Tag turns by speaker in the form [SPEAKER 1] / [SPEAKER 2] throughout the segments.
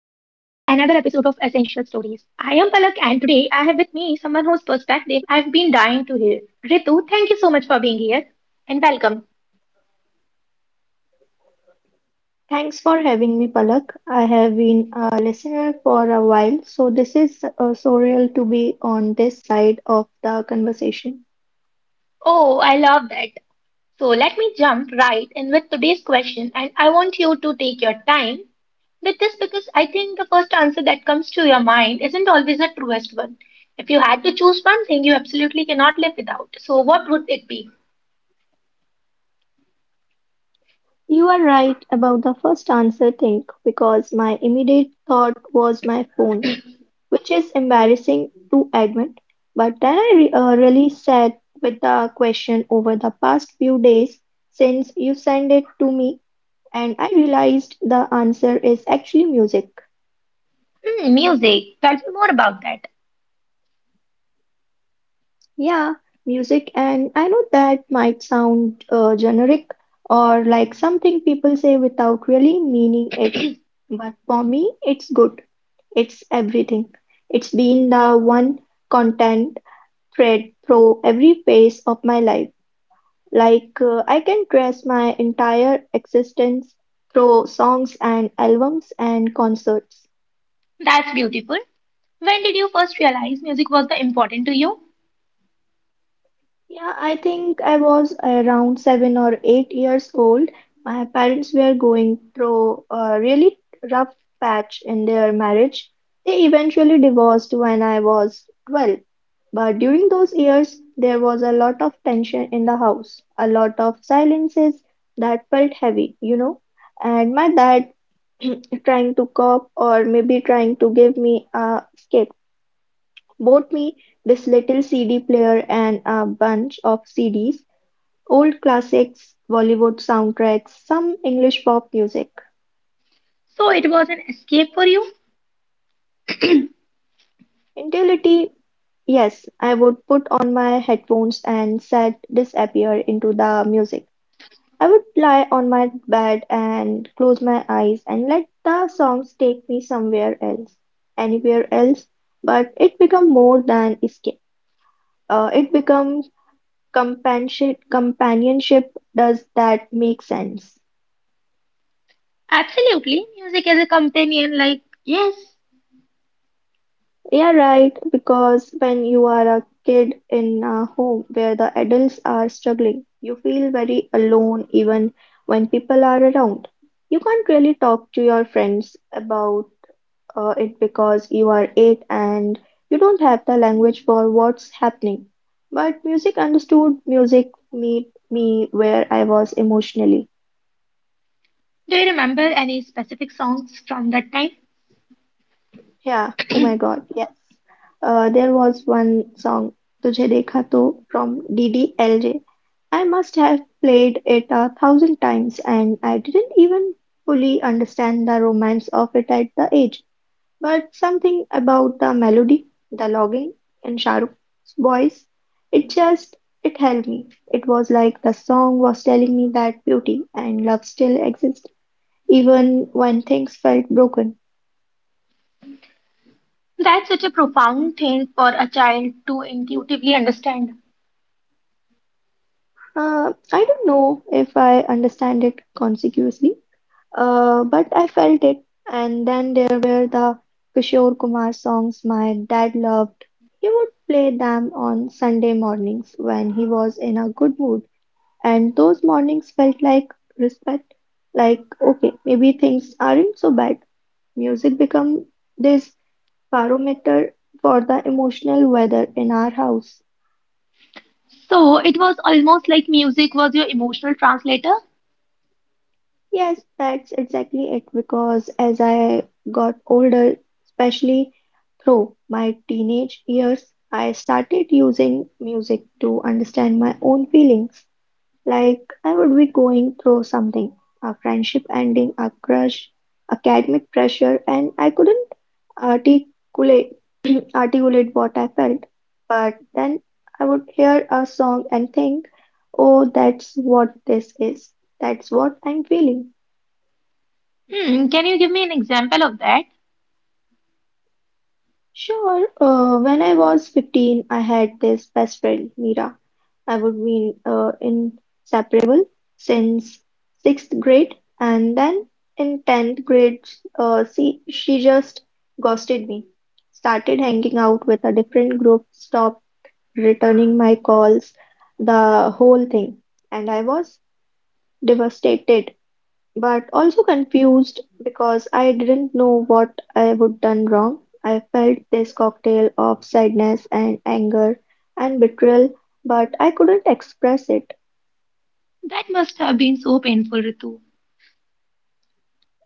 [SPEAKER 1] Essential Stories. I am Palak and today I have with me someone whose perspective I've been dying to hear. Ritu, thank you so much for being here and welcome.
[SPEAKER 2] Thanks for having me, Palak. I have been a listener for a while, so this is surreal to be on this side of the conversation.
[SPEAKER 1] Oh, I love that. So let me jump right in with today's question and I want you to take your time with this because I think the first answer that comes to your mind isn't always the truest one. If you had to choose one thing you absolutely cannot live without, so what would it be?
[SPEAKER 2] You are right about the first answer thing because my immediate thought was my phone, which is embarrassing to admit. But then I really sat with the question over the past few days since you sent it to me, and I realized the answer is actually music.
[SPEAKER 1] Hmm, music. Tell me more about that.
[SPEAKER 2] Yeah, music, and I know that might sound generic or like something people say without really meaning it, but for me, it's good. It's everything. It's been the one content thread through every phase of my life. I can trace my entire existence through songs and albums and concerts.
[SPEAKER 1] That's beautiful. When did you first realize music was the important to you?
[SPEAKER 2] Yeah, I think I was around 7 or 8 years old. My parents were going through a really rough patch in their marriage. They eventually divorced when I was 12. But during those years, there was a lot of tension in the house, a lot of silences that felt heavy, you know. And my dad trying to cope or maybe trying to give me a escape bought me this little CD player and a bunch of CDs. Old classics, Bollywood soundtracks, some English pop music.
[SPEAKER 1] So it was an escape for you?
[SPEAKER 2] In reality, yes, I would put on my headphones and sad disappear into the music. I would lie on my bed and close my eyes and let the songs take me somewhere else, anywhere else. But it become more than escape. It becomes companionship. Companionship. Does that make sense?
[SPEAKER 1] Absolutely. Music as a companion, like, yes.
[SPEAKER 2] Yeah, right. Because when you are a kid in a home where the adults are struggling, you feel very alone even when people are around. You can't really talk to your friends about it because you are eight and you don't have the language for what's happening. But music understood, music meet me where I was emotionally.
[SPEAKER 1] Do you remember any specific songs from that time?
[SPEAKER 2] Yeah. Oh my God. Yes. There was one song, "Tujhe Dekha To" from DDLJ. I must have played it a thousand times, and I didn't even fully understand the romance of it at the age. But something about the melody, the logging, and Shahruk's voice, it just it held me. It was like the song was telling me that beauty and love still exist, even when things felt broken.
[SPEAKER 1] That's such a profound thing for a child to intuitively understand.
[SPEAKER 2] I don't know if I understand it consciously, but I felt it. And then there were the Kishore Kumar songs my dad loved. He would play them on Sunday mornings when he was in a good mood. And those mornings felt like respect, like, okay, maybe things aren't so bad. Music become this barometer for the emotional weather in our house.
[SPEAKER 1] So it was almost like music was your emotional translator?
[SPEAKER 2] Yes, that's exactly it. Because as I got older, especially through my teenage years, I started using music to understand my own feelings. Like I would be going through something, a friendship ending, a crush, academic pressure, and I couldn't articulate articulate what I felt. But then I would hear a song and think, "Oh, that's what this is. That's what I'm feeling."
[SPEAKER 1] Hmm, can you give me an example of that?
[SPEAKER 2] Sure, when I was 15, I had this best friend, Mira. I would be inseparable since sixth grade, and then in 10th grade, she just ghosted me. Started hanging out with a different group, stopped returning my calls, the whole thing. And I was devastated but also confused because I didn't know what I would done wrong. I felt this cocktail of sadness and anger and betrayal, but I couldn't express it.
[SPEAKER 1] That must have been so painful, Ritu.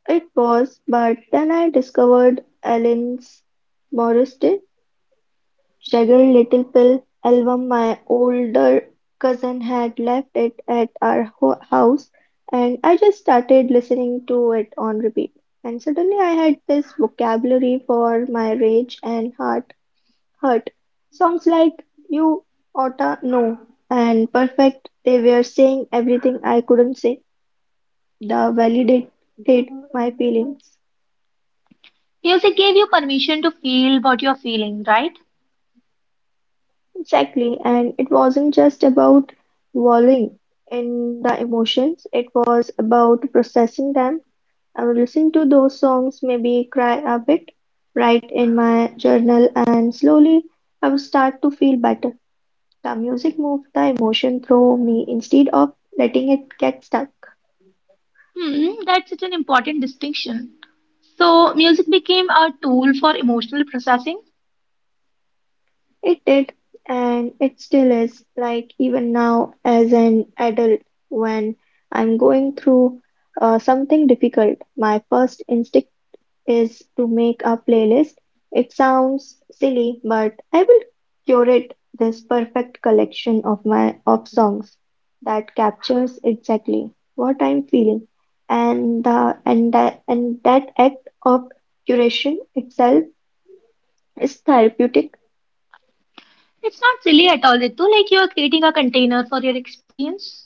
[SPEAKER 2] It was, but then I discovered Ellen's Moriste Jagger Little Pill album. My older cousin had left it at our house and I just started listening to it on repeat. And suddenly I had this vocabulary for my rage and heart hurt. Songs like You Oughta Know and Perfect, they were saying everything I couldn't say. They validated my feelings.
[SPEAKER 1] Music gave you permission to feel what you're feeling, right?
[SPEAKER 2] Exactly, and it wasn't just about wallowing in the emotions, it was about processing them. I would listen to those songs, maybe cry a bit, write in my journal, and slowly I would start to feel better. The music moved the emotion through me instead of letting it get stuck.
[SPEAKER 1] Hmm, that's such an important distinction. So music became a tool for emotional processing.
[SPEAKER 2] It did, and it still is, like even now as an adult, when I'm going through something difficult, my first instinct is to make a playlist. It sounds silly, but I will curate this perfect collection of songs that captures exactly what I'm feeling. And the and that act of curation itself is therapeutic.
[SPEAKER 1] It's not silly at all, Ritu. Like you are creating a container for your experience.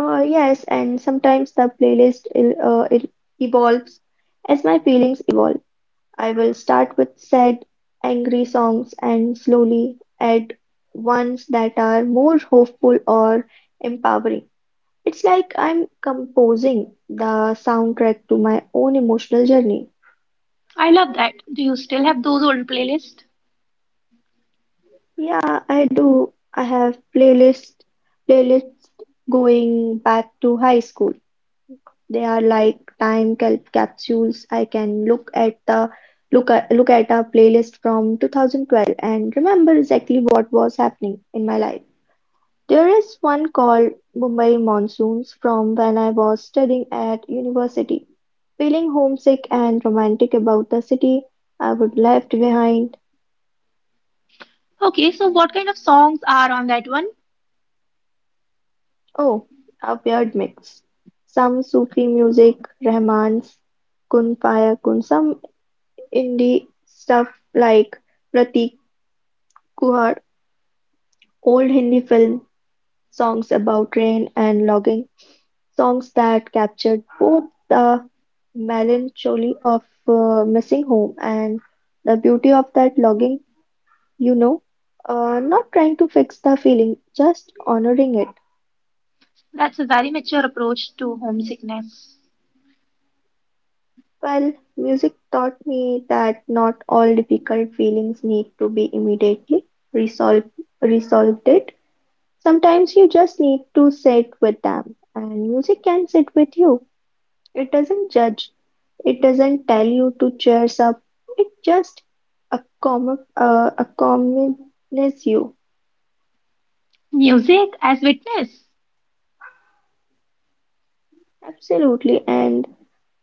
[SPEAKER 2] Yes, and sometimes the playlist il- it evolves as my feelings evolve. I will start with sad, angry songs and slowly add ones that are more hopeful or empowering. It's like I'm composing the soundtrack to my own emotional journey.
[SPEAKER 1] I love that. Do you still have those old playlists?
[SPEAKER 2] Yeah, I do. I have playlists going back to high school. They are like time capsules. I can look at the look at a playlist from 2012 and remember exactly what was happening in my life. There is one called "Mumbai Monsoons" from when I was studying at university. Feeling homesick and romantic about the city I would left behind.
[SPEAKER 1] Okay, so what kind of songs are on that one?
[SPEAKER 2] Oh, a weird mix. Some Sufi music, Rahman's Kun Fayakun, some indie stuff like Pratik Kuhar, old Hindi film songs about rain and logging. Songs that captured both the melancholy of missing home and the beauty of that longing, you know, not trying to fix the feeling, just honoring it.
[SPEAKER 1] That's a very mature approach to homesickness.
[SPEAKER 2] Well, music taught me that not all difficult feelings need to be immediately resolved resolved it. Sometimes you just need to sit with them and music can sit with you. It doesn't judge, it doesn't tell you to cheers up, it just accompanies you.
[SPEAKER 1] Music as witness.
[SPEAKER 2] Absolutely, and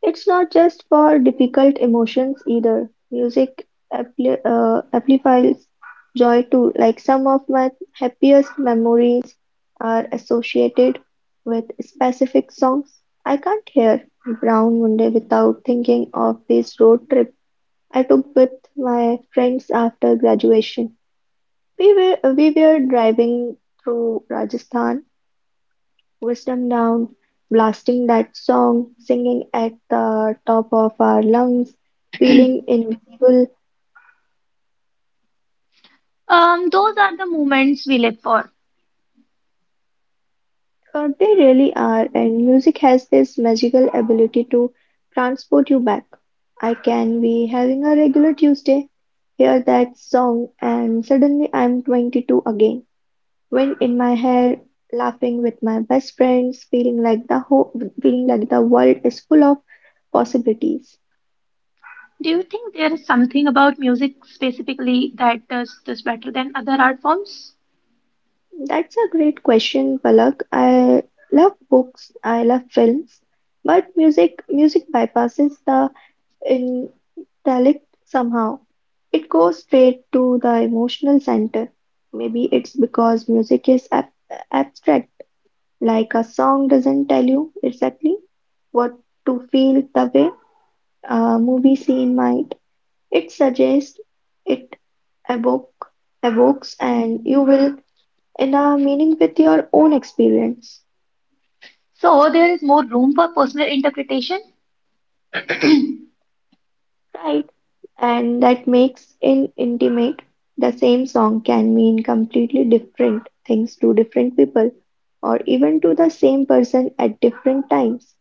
[SPEAKER 2] it's not just for difficult emotions either. Music amplifies joy too. Like some of my happiest memories are associated with specific songs. I can't hear Brown Monday without thinking of this road trip I took with my friends after graduation. We were driving through Rajasthan, wisdom down, blasting that song, singing at the top of our lungs, feeling invincible,
[SPEAKER 1] Those are the moments we live for.
[SPEAKER 2] for they really are, and music has this magical ability to transport you back. I can be having a regular Tuesday, hear that song, and suddenly I'm 22 again. Wind in my hair, laughing with my best friends, feeling like the world is full of possibilities.
[SPEAKER 1] Do you think there is something about music specifically that does this better than other art forms?
[SPEAKER 2] That's a great question, Palak. I love books, I love films, but music bypasses the intellect somehow. It goes straight to the emotional center. Maybe it's because music is ab abstract, like a song doesn't tell you exactly what to feel the way a movie scene might. It suggests, it evoke, evokes, and you will in a meaning with your own experience,
[SPEAKER 1] So there is more room for personal interpretation.
[SPEAKER 2] right? And that makes it intimate. The same song can mean completely different things to different people, or even to the same person at different times.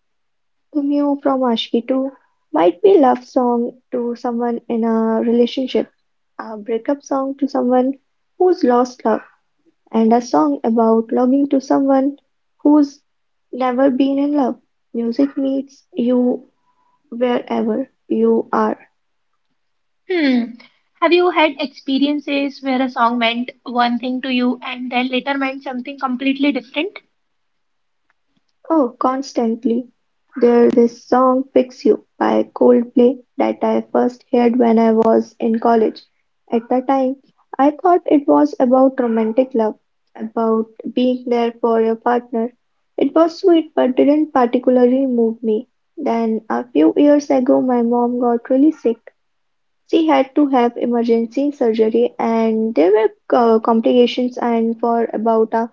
[SPEAKER 2] To you from Ashki to might be love song to someone in a relationship, a breakup song to someone who's lost love, and a song about longing to someone who's never been in love. Music meets you wherever you are,
[SPEAKER 1] Hmm. Have you had experiences where a song meant one thing to you and then later meant something completely different?
[SPEAKER 2] oh constantly, there's this song "Fix You" by Coldplay that I first heard when I was in college. At the time, I thought it was about romantic love, about being there for your partner. It was sweet but didn't particularly move me. Then a few years ago, my mom got really sick. She had to have emergency surgery and there were complications and for about a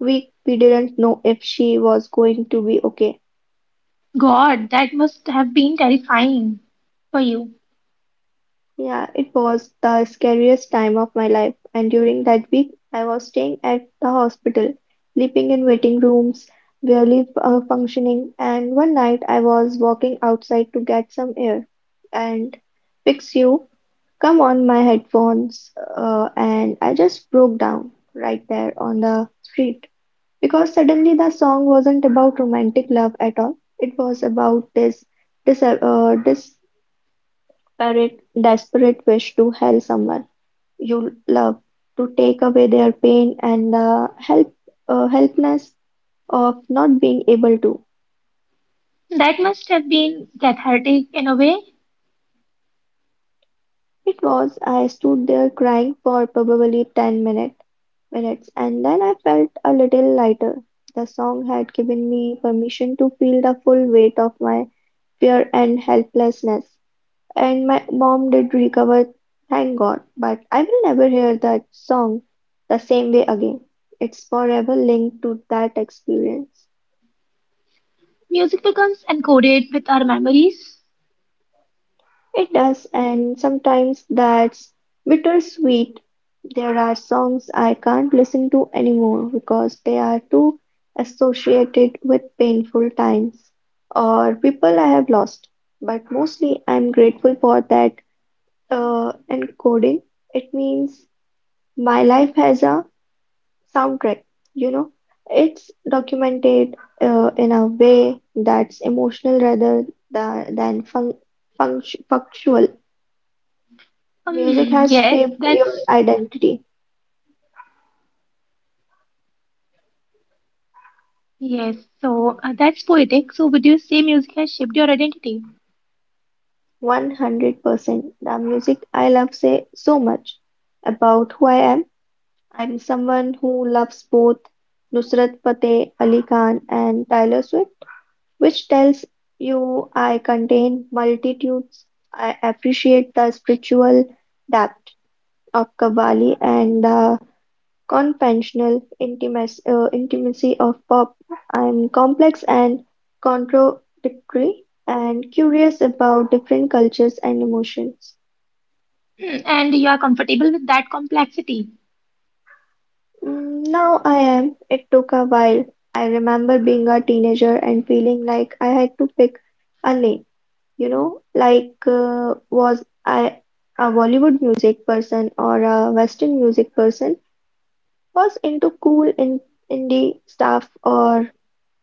[SPEAKER 2] we didn't know if she was going to be okay.
[SPEAKER 1] God, that must have been terrifying for you.
[SPEAKER 2] Yeah, it was the scariest time of my life, and during that week, I was staying at the hospital, sleeping in waiting rooms, barely functioning. And one night, I was walking outside to get some air, and fix you, come on my headphones, and I just broke down right there on the street. Because suddenly the song wasn't about romantic love at all. It was about this, this desperate, desperate wish to help someone you love, to take away their pain and the helplessness of not being able to.
[SPEAKER 1] That must have been cathartic in a way.
[SPEAKER 2] It was, I stood there crying for probably minutes and then I felt a little lighter. The song had given me permission to feel the full weight of my fear and helplessness. And my mom did recover, thank God, but I will never hear that song the same way again. It's forever linked to that experience.
[SPEAKER 1] Music becomes encoded with our memories.
[SPEAKER 2] It does, and sometimes that's bittersweet. There are songs I can't listen to anymore because they are too associated with painful times or people I have lost. But mostly, I'm grateful for that encoding. It means my life has a soundtrack, you know. It's documented in a way that's emotional rather than factual. Music
[SPEAKER 1] Hmm.
[SPEAKER 2] has
[SPEAKER 1] Yes,
[SPEAKER 2] shaped your
[SPEAKER 1] that's
[SPEAKER 2] identity
[SPEAKER 1] yes. So that's poetic. So would you say music has shaped your identity?
[SPEAKER 2] 100%. The music I love say so much about who I am. I'm someone who loves both Nusrat Fateh Ali Khan and Taylor Swift, which tells you I contain multitudes. I appreciate the spiritual depth of Kabbali and the conventional intimacy of pop. I'm complex and contradictory and curious about different cultures and emotions.
[SPEAKER 1] Hmm, and you are comfortable with that complexity?
[SPEAKER 2] Mm, now I am. It took a while. I remember being a teenager and feeling like I had to pick a lane, you know, like was I a Bollywood music person or a Western music person? Was into cool in indie stuff or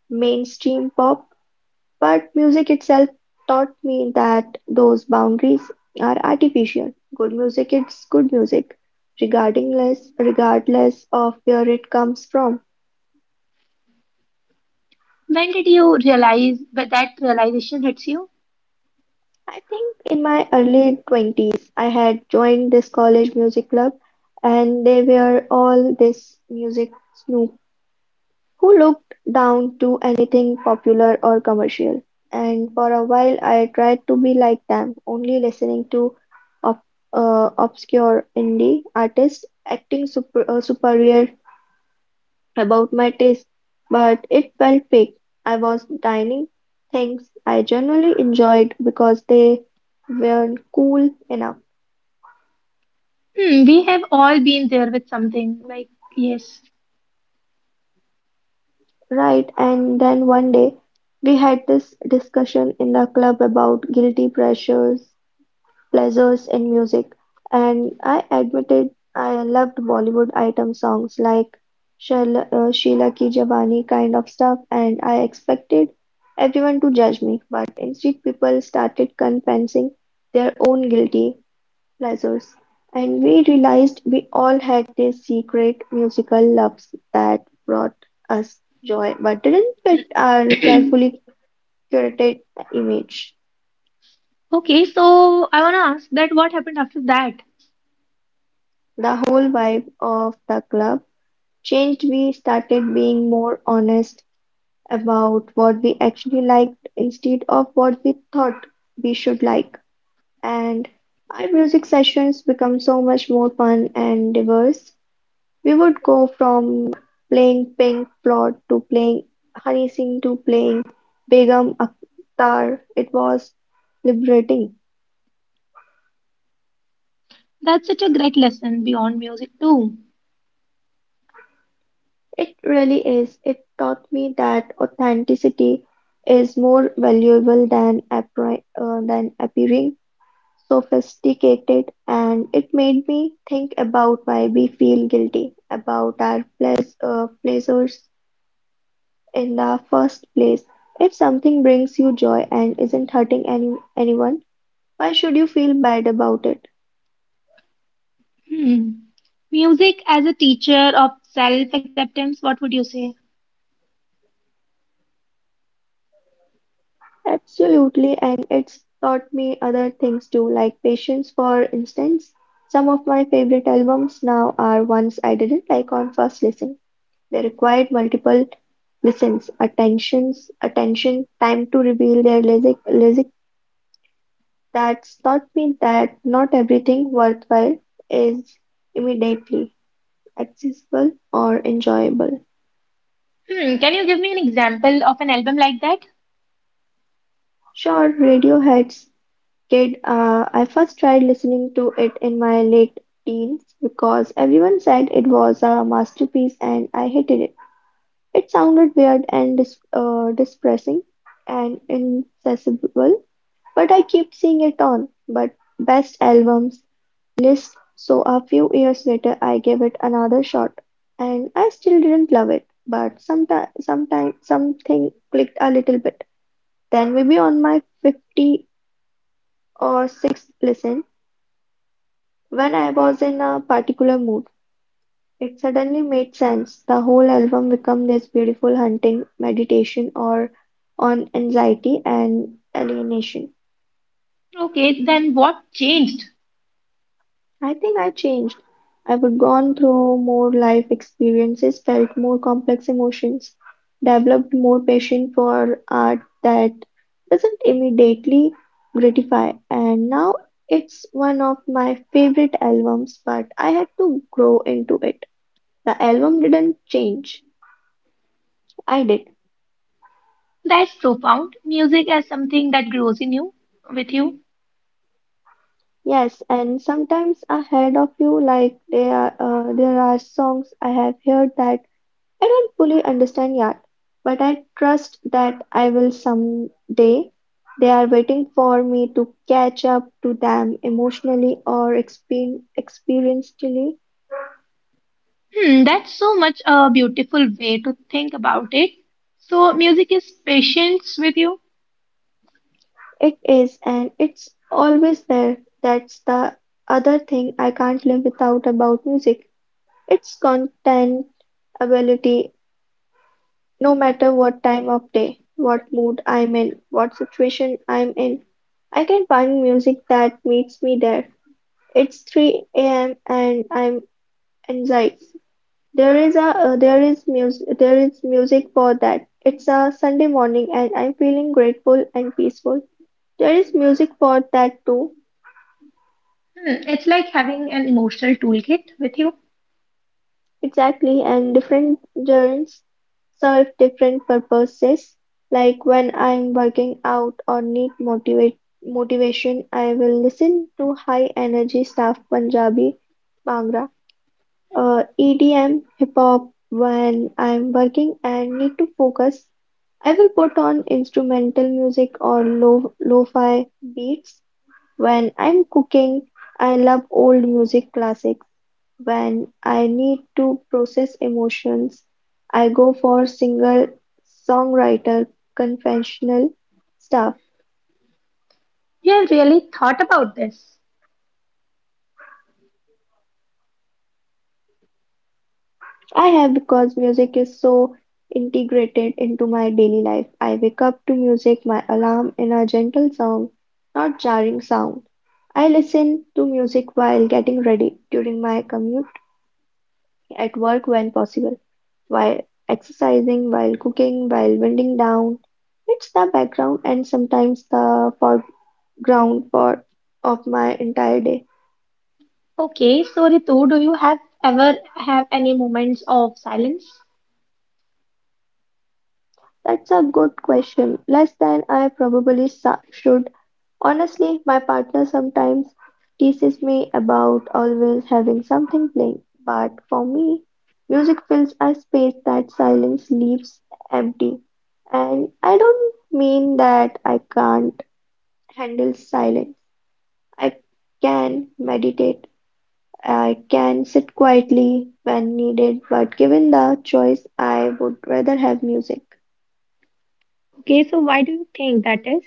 [SPEAKER 2] mainstream pop, but music itself taught me that those boundaries are artificial. Good music is good music, regardless of where it comes from.
[SPEAKER 1] When did you realize, but that realization hits you?
[SPEAKER 2] I think in my early 20s, I had joined this college music club, and they were all this music snoop who looked down to anything popular or commercial, and for a while I tried to be like them, only listening to ob- obscure indie artists, acting superior about my taste, but it felt fake. I was dining things I generally enjoyed because they weren't cool enough,
[SPEAKER 1] Hmm, we have all been there with something. Like, yes.
[SPEAKER 2] right? And then one day we had this discussion in the club about guilty pleasures in music, and I admitted I loved Bollywood item songs like Sheila Ki Jawani kind of stuff, and I expected everyone to judge me, but instead people started confessing their own guilty pleasures, and we realized we all had these secret musical loves that brought us joy but didn't fit our carefully curated image.
[SPEAKER 1] Okay, so I want to ask that what happened after that?
[SPEAKER 2] The whole vibe of the club changed. We started being more honest about what we actually liked instead of what we thought we should like, and our music sessions become so much more fun and diverse. We would go from playing Pink Floyd to playing Honey Singh to playing Begum Akhtar. It was liberating.
[SPEAKER 1] That's such a great lesson beyond music, too.
[SPEAKER 2] It really is. It taught me that authenticity is more valuable than than appearing sophisticated, and it made me think about why we feel guilty about our pleasures in the first place. If something brings you joy and isn't hurting anyone, why should you feel bad about it?
[SPEAKER 1] Hmm. Music as a teacher of self-acceptance, what would you say?
[SPEAKER 2] Absolutely, and it's taught me other things too, like patience, for instance. Some of my favorite albums now are ones I didn't like on first listen. They required multiple attention, time to reveal their lyric. That's taught me that not everything worthwhile is immediately accessible or enjoyable.
[SPEAKER 1] Hmm, can you give me an example of an album like that?
[SPEAKER 2] Sure, Radiohead's Kid, I first tried listening to it in my late teens because everyone said it was a masterpiece and I hated it. It sounded weird and depressing and inaccessible, but I kept seeing it on but best albums lists, so a few years later I gave it another shot and I still didn't love it, but sometime something clicked a little bit. Then maybe on my 50 or 6th listen, when I was in a particular mood, it suddenly made sense. The whole album became this beautiful hunting meditation or on anxiety and alienation.
[SPEAKER 1] Okay, then what changed?
[SPEAKER 2] I think I changed. I would gone through more life experiences, felt more complex emotions, developed more passion for art that doesn't immediately gratify. And now it's one of my favorite albums, but I had to grow into it. The album didn't change. I did.
[SPEAKER 1] That's profound. Music as something that grows in you, with you.
[SPEAKER 2] Yes, and sometimes ahead of you, like there are songs I have heard that I don't fully understand yet, but I trust that I will someday. They are waiting for me to catch up to them emotionally or experientially.
[SPEAKER 1] Hmm, that's so much a beautiful way to think about it. So, music is patience with you.
[SPEAKER 2] It is, and it's always there. That's the other thing I can't live without about music. It's content ability, no matter what time of day, what mood I'm in, what situation I'm in. I can find music that meets me there. It's 3 a.m. and I'm anxious. There is music for that. It's a Sunday morning and I'm feeling grateful and peaceful. There is music for that too.
[SPEAKER 1] Hmm, it's like having an emotional toolkit with you.
[SPEAKER 2] Exactly, and different journeys serve different purposes. Like when I'm working out or need motivate motivation, I will listen to high energy staff Punjabi Bhangra. EDM, hip hop. When I'm working and need to focus, I will put on instrumental music or lo lo-fi beats. When I'm cooking, I love old music classics. When I need to process emotions, I go for single songwriter conventional stuff.
[SPEAKER 1] You have really thought about this.
[SPEAKER 2] I have because music is so integrated into my daily life. I wake up to music, my alarm in a gentle song, not jarring sound. I listen to music while getting ready, during my commute, at work when possible, while exercising, while cooking, while winding down. It's the background and sometimes the foreground for of my entire day.
[SPEAKER 1] Okay, so Ritu, do you have ever have any moments of silence?
[SPEAKER 2] That's a good question. Less than I probably should. Honestly, my partner sometimes teases me about always having something playing, but for me, music fills a space that silence leaves empty. And I don't mean that I can't handle silence. I can meditate, I can sit quietly when needed, but given the choice, I would rather have music.
[SPEAKER 1] Okay, so why do you think that is?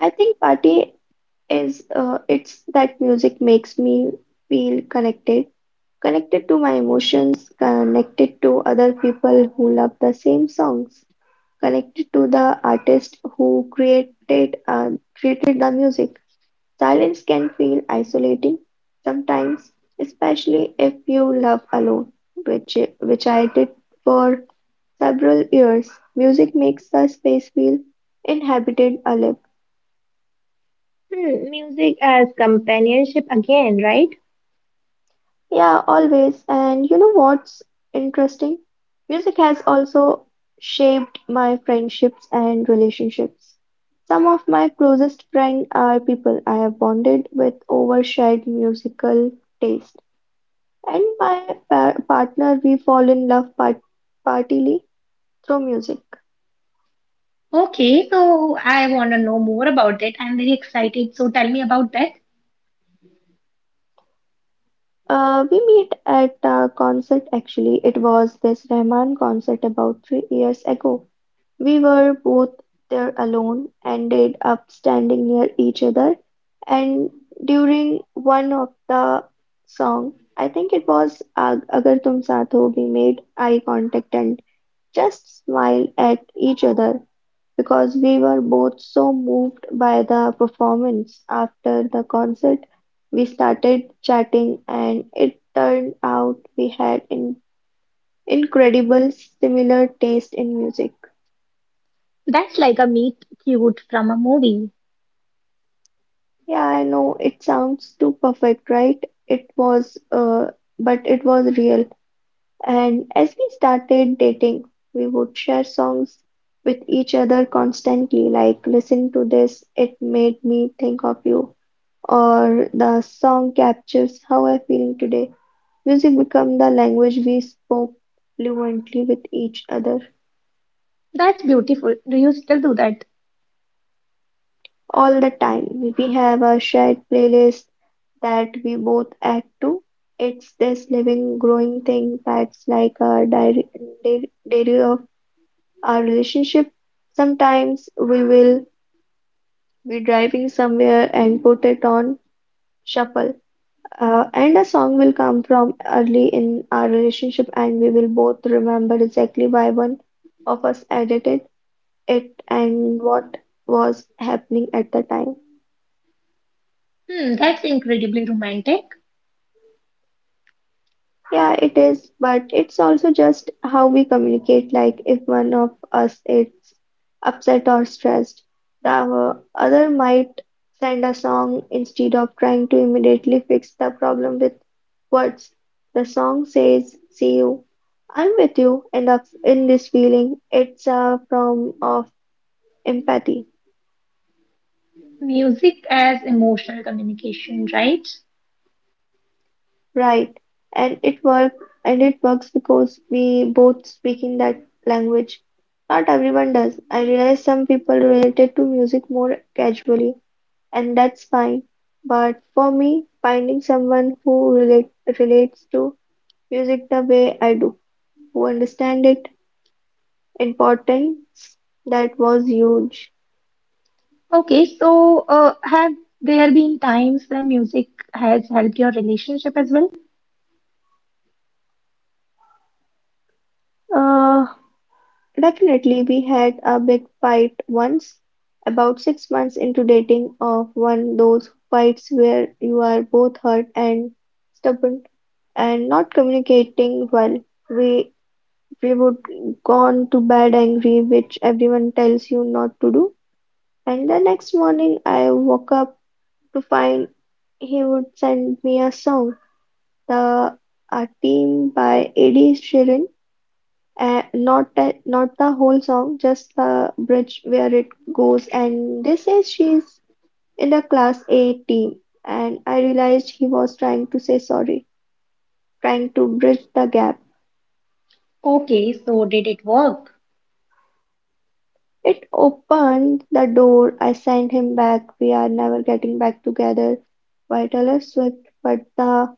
[SPEAKER 2] I think party is it's that music makes me feel connected. Connected to my emotions, connected to other people who love the same songs, connected to the artist who created the music. Silence can feel isolating sometimes, especially if you love alone, which I did for several years. Music makes the space feel inhabited alive.
[SPEAKER 1] Hmm, music as companionship again, right?
[SPEAKER 2] Yeah, always. And you know what's interesting? Music has also shaped my friendships and relationships. Some of my closest friends are people I have bonded with over shared musical taste. And my pa partner, we fall in love partly through music.
[SPEAKER 1] Okay, so I want to know more about it. I'm very excited. So tell me about that.
[SPEAKER 2] We meet at a concert actually. It was this Rahman concert about 3 years ago. We were both there alone, ended up standing near each other, and during one of the song, I think it was Agar Tum Saath Ho. We made eye contact and just smiled at each other because we were both so moved by the performance. After the concert, we started chatting, and it turned out we had incredible similar taste in music.
[SPEAKER 1] That's like a meet cute from a movie.
[SPEAKER 2] Yeah, I know it sounds too perfect, right? It was, but it was real. And as we started dating, we would share songs with each other constantly, like listen to this, it made me think of you, or the song captures how I'm feeling today. Music became the language we spoke fluently with each other
[SPEAKER 1] That's beautiful. Do you still do that?
[SPEAKER 2] all the time. We have a shared playlist that we both add to. It's this living, growing thing that's like a diary, diary of our relationship. Sometimes we will be driving somewhere and put it on shuffle, and a song will come from early in our relationship, and we will both remember exactly why one of us edited it and what was happening at the time.
[SPEAKER 1] Hmm, that's incredibly romantic.
[SPEAKER 2] Yeah, it is, but it's also just how we communicate. Like, if one of us is upset or stressed, the other might send a song instead of trying to immediately fix the problem with words. The song says, see you, I'm with you in this feeling. It's a form of empathy.
[SPEAKER 1] Music as emotional communication, right?
[SPEAKER 2] Right. And it work and it works because we both speaking that language. Not everyone does. I realize some people related to music more casually, and that's fine. But for me, finding someone who relates to music the way I do, who understand it, importance, that was huge.
[SPEAKER 1] Okay, so have there been times when music has helped your relationship as well?
[SPEAKER 2] Uh, Definitely, we had a big fight once, about 6 months into dating, of one those fights where you are both hurt and stubborn and not communicating well. We we would gone to bed angry, which everyone tells you not to do. And the next morning, I woke up to find he would send me a song, the A Team by Ed Sheeran, not the whole song, just the bridge where it goes. And they say she's in the class A team. And I realized he was trying to say sorry, trying to bridge the gap. It opened the door. I sent him back, We Are Never Getting Back Together by Taylor Swift, but the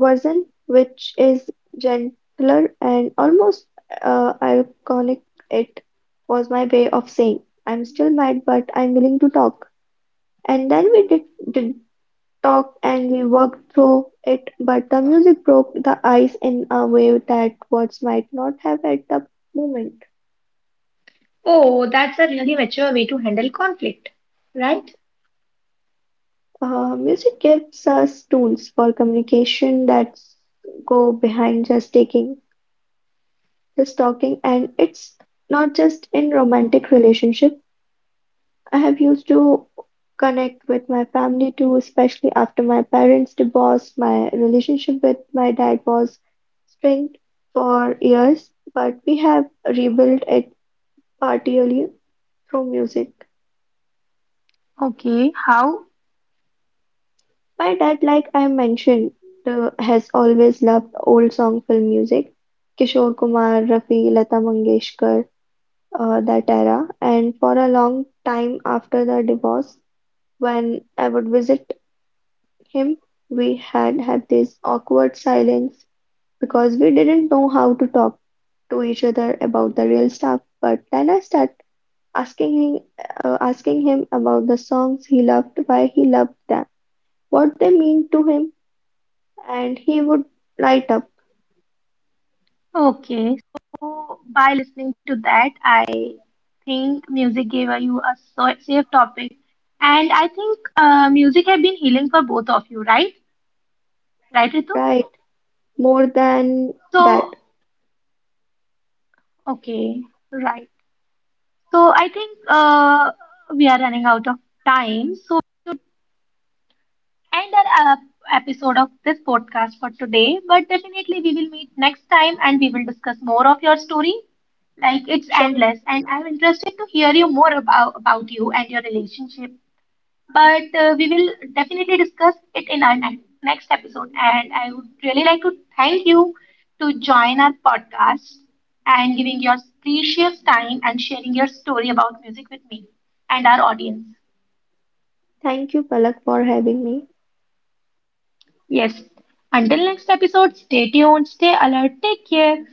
[SPEAKER 2] version which is gentler and almost iconic. It was my way of saying, I'm still mad, but I'm willing to talk. And then did talk and we worked through it, but the music broke the ice in a way that words might not have at the moment.
[SPEAKER 1] Oh, that's a really mature way to handle conflict, right?
[SPEAKER 2] Music gives us tools for communication that go behind just just talking, and it's not just in romantic relationship. I have used to connect with my family too, especially after my parents' divorce. My relationship with my dad was strained for years, but we have rebuilt it partially through music.
[SPEAKER 1] Okay, how?
[SPEAKER 2] My dad, like I mentioned, has always loved old song film music, Kishore Kumar, Rafi, Lata Mangeshkar, that era. And for a long time after the divorce, when I would visit him we had this awkward silence because we didn't know how to talk to each other about the real stuff. But then I started asking him, asking him about the songs he loved, why he loved them, what they mean to him, and he would light up,
[SPEAKER 1] Okay, so by listening to that, I think music gave you a safe topic, and I think music have been healing for both of you, right? Right, Ritu?
[SPEAKER 2] right? More than
[SPEAKER 1] So,
[SPEAKER 2] that.
[SPEAKER 1] okay, right. So I think we are running out of time. So we should end our episode of this podcast for today. But definitely we will meet next time and we will discuss more of your story. Like it's
[SPEAKER 2] Sure.
[SPEAKER 1] endless, and I'm interested to hear you more about you and your relationship but we will definitely discuss it in our next episode. And I would really like to thank you to join our podcast and giving your precious time and sharing your story about music with me and our audience.
[SPEAKER 2] Thank you, Palak, for having me.
[SPEAKER 1] Yes. Until next episode, stay tuned, stay alert, take care.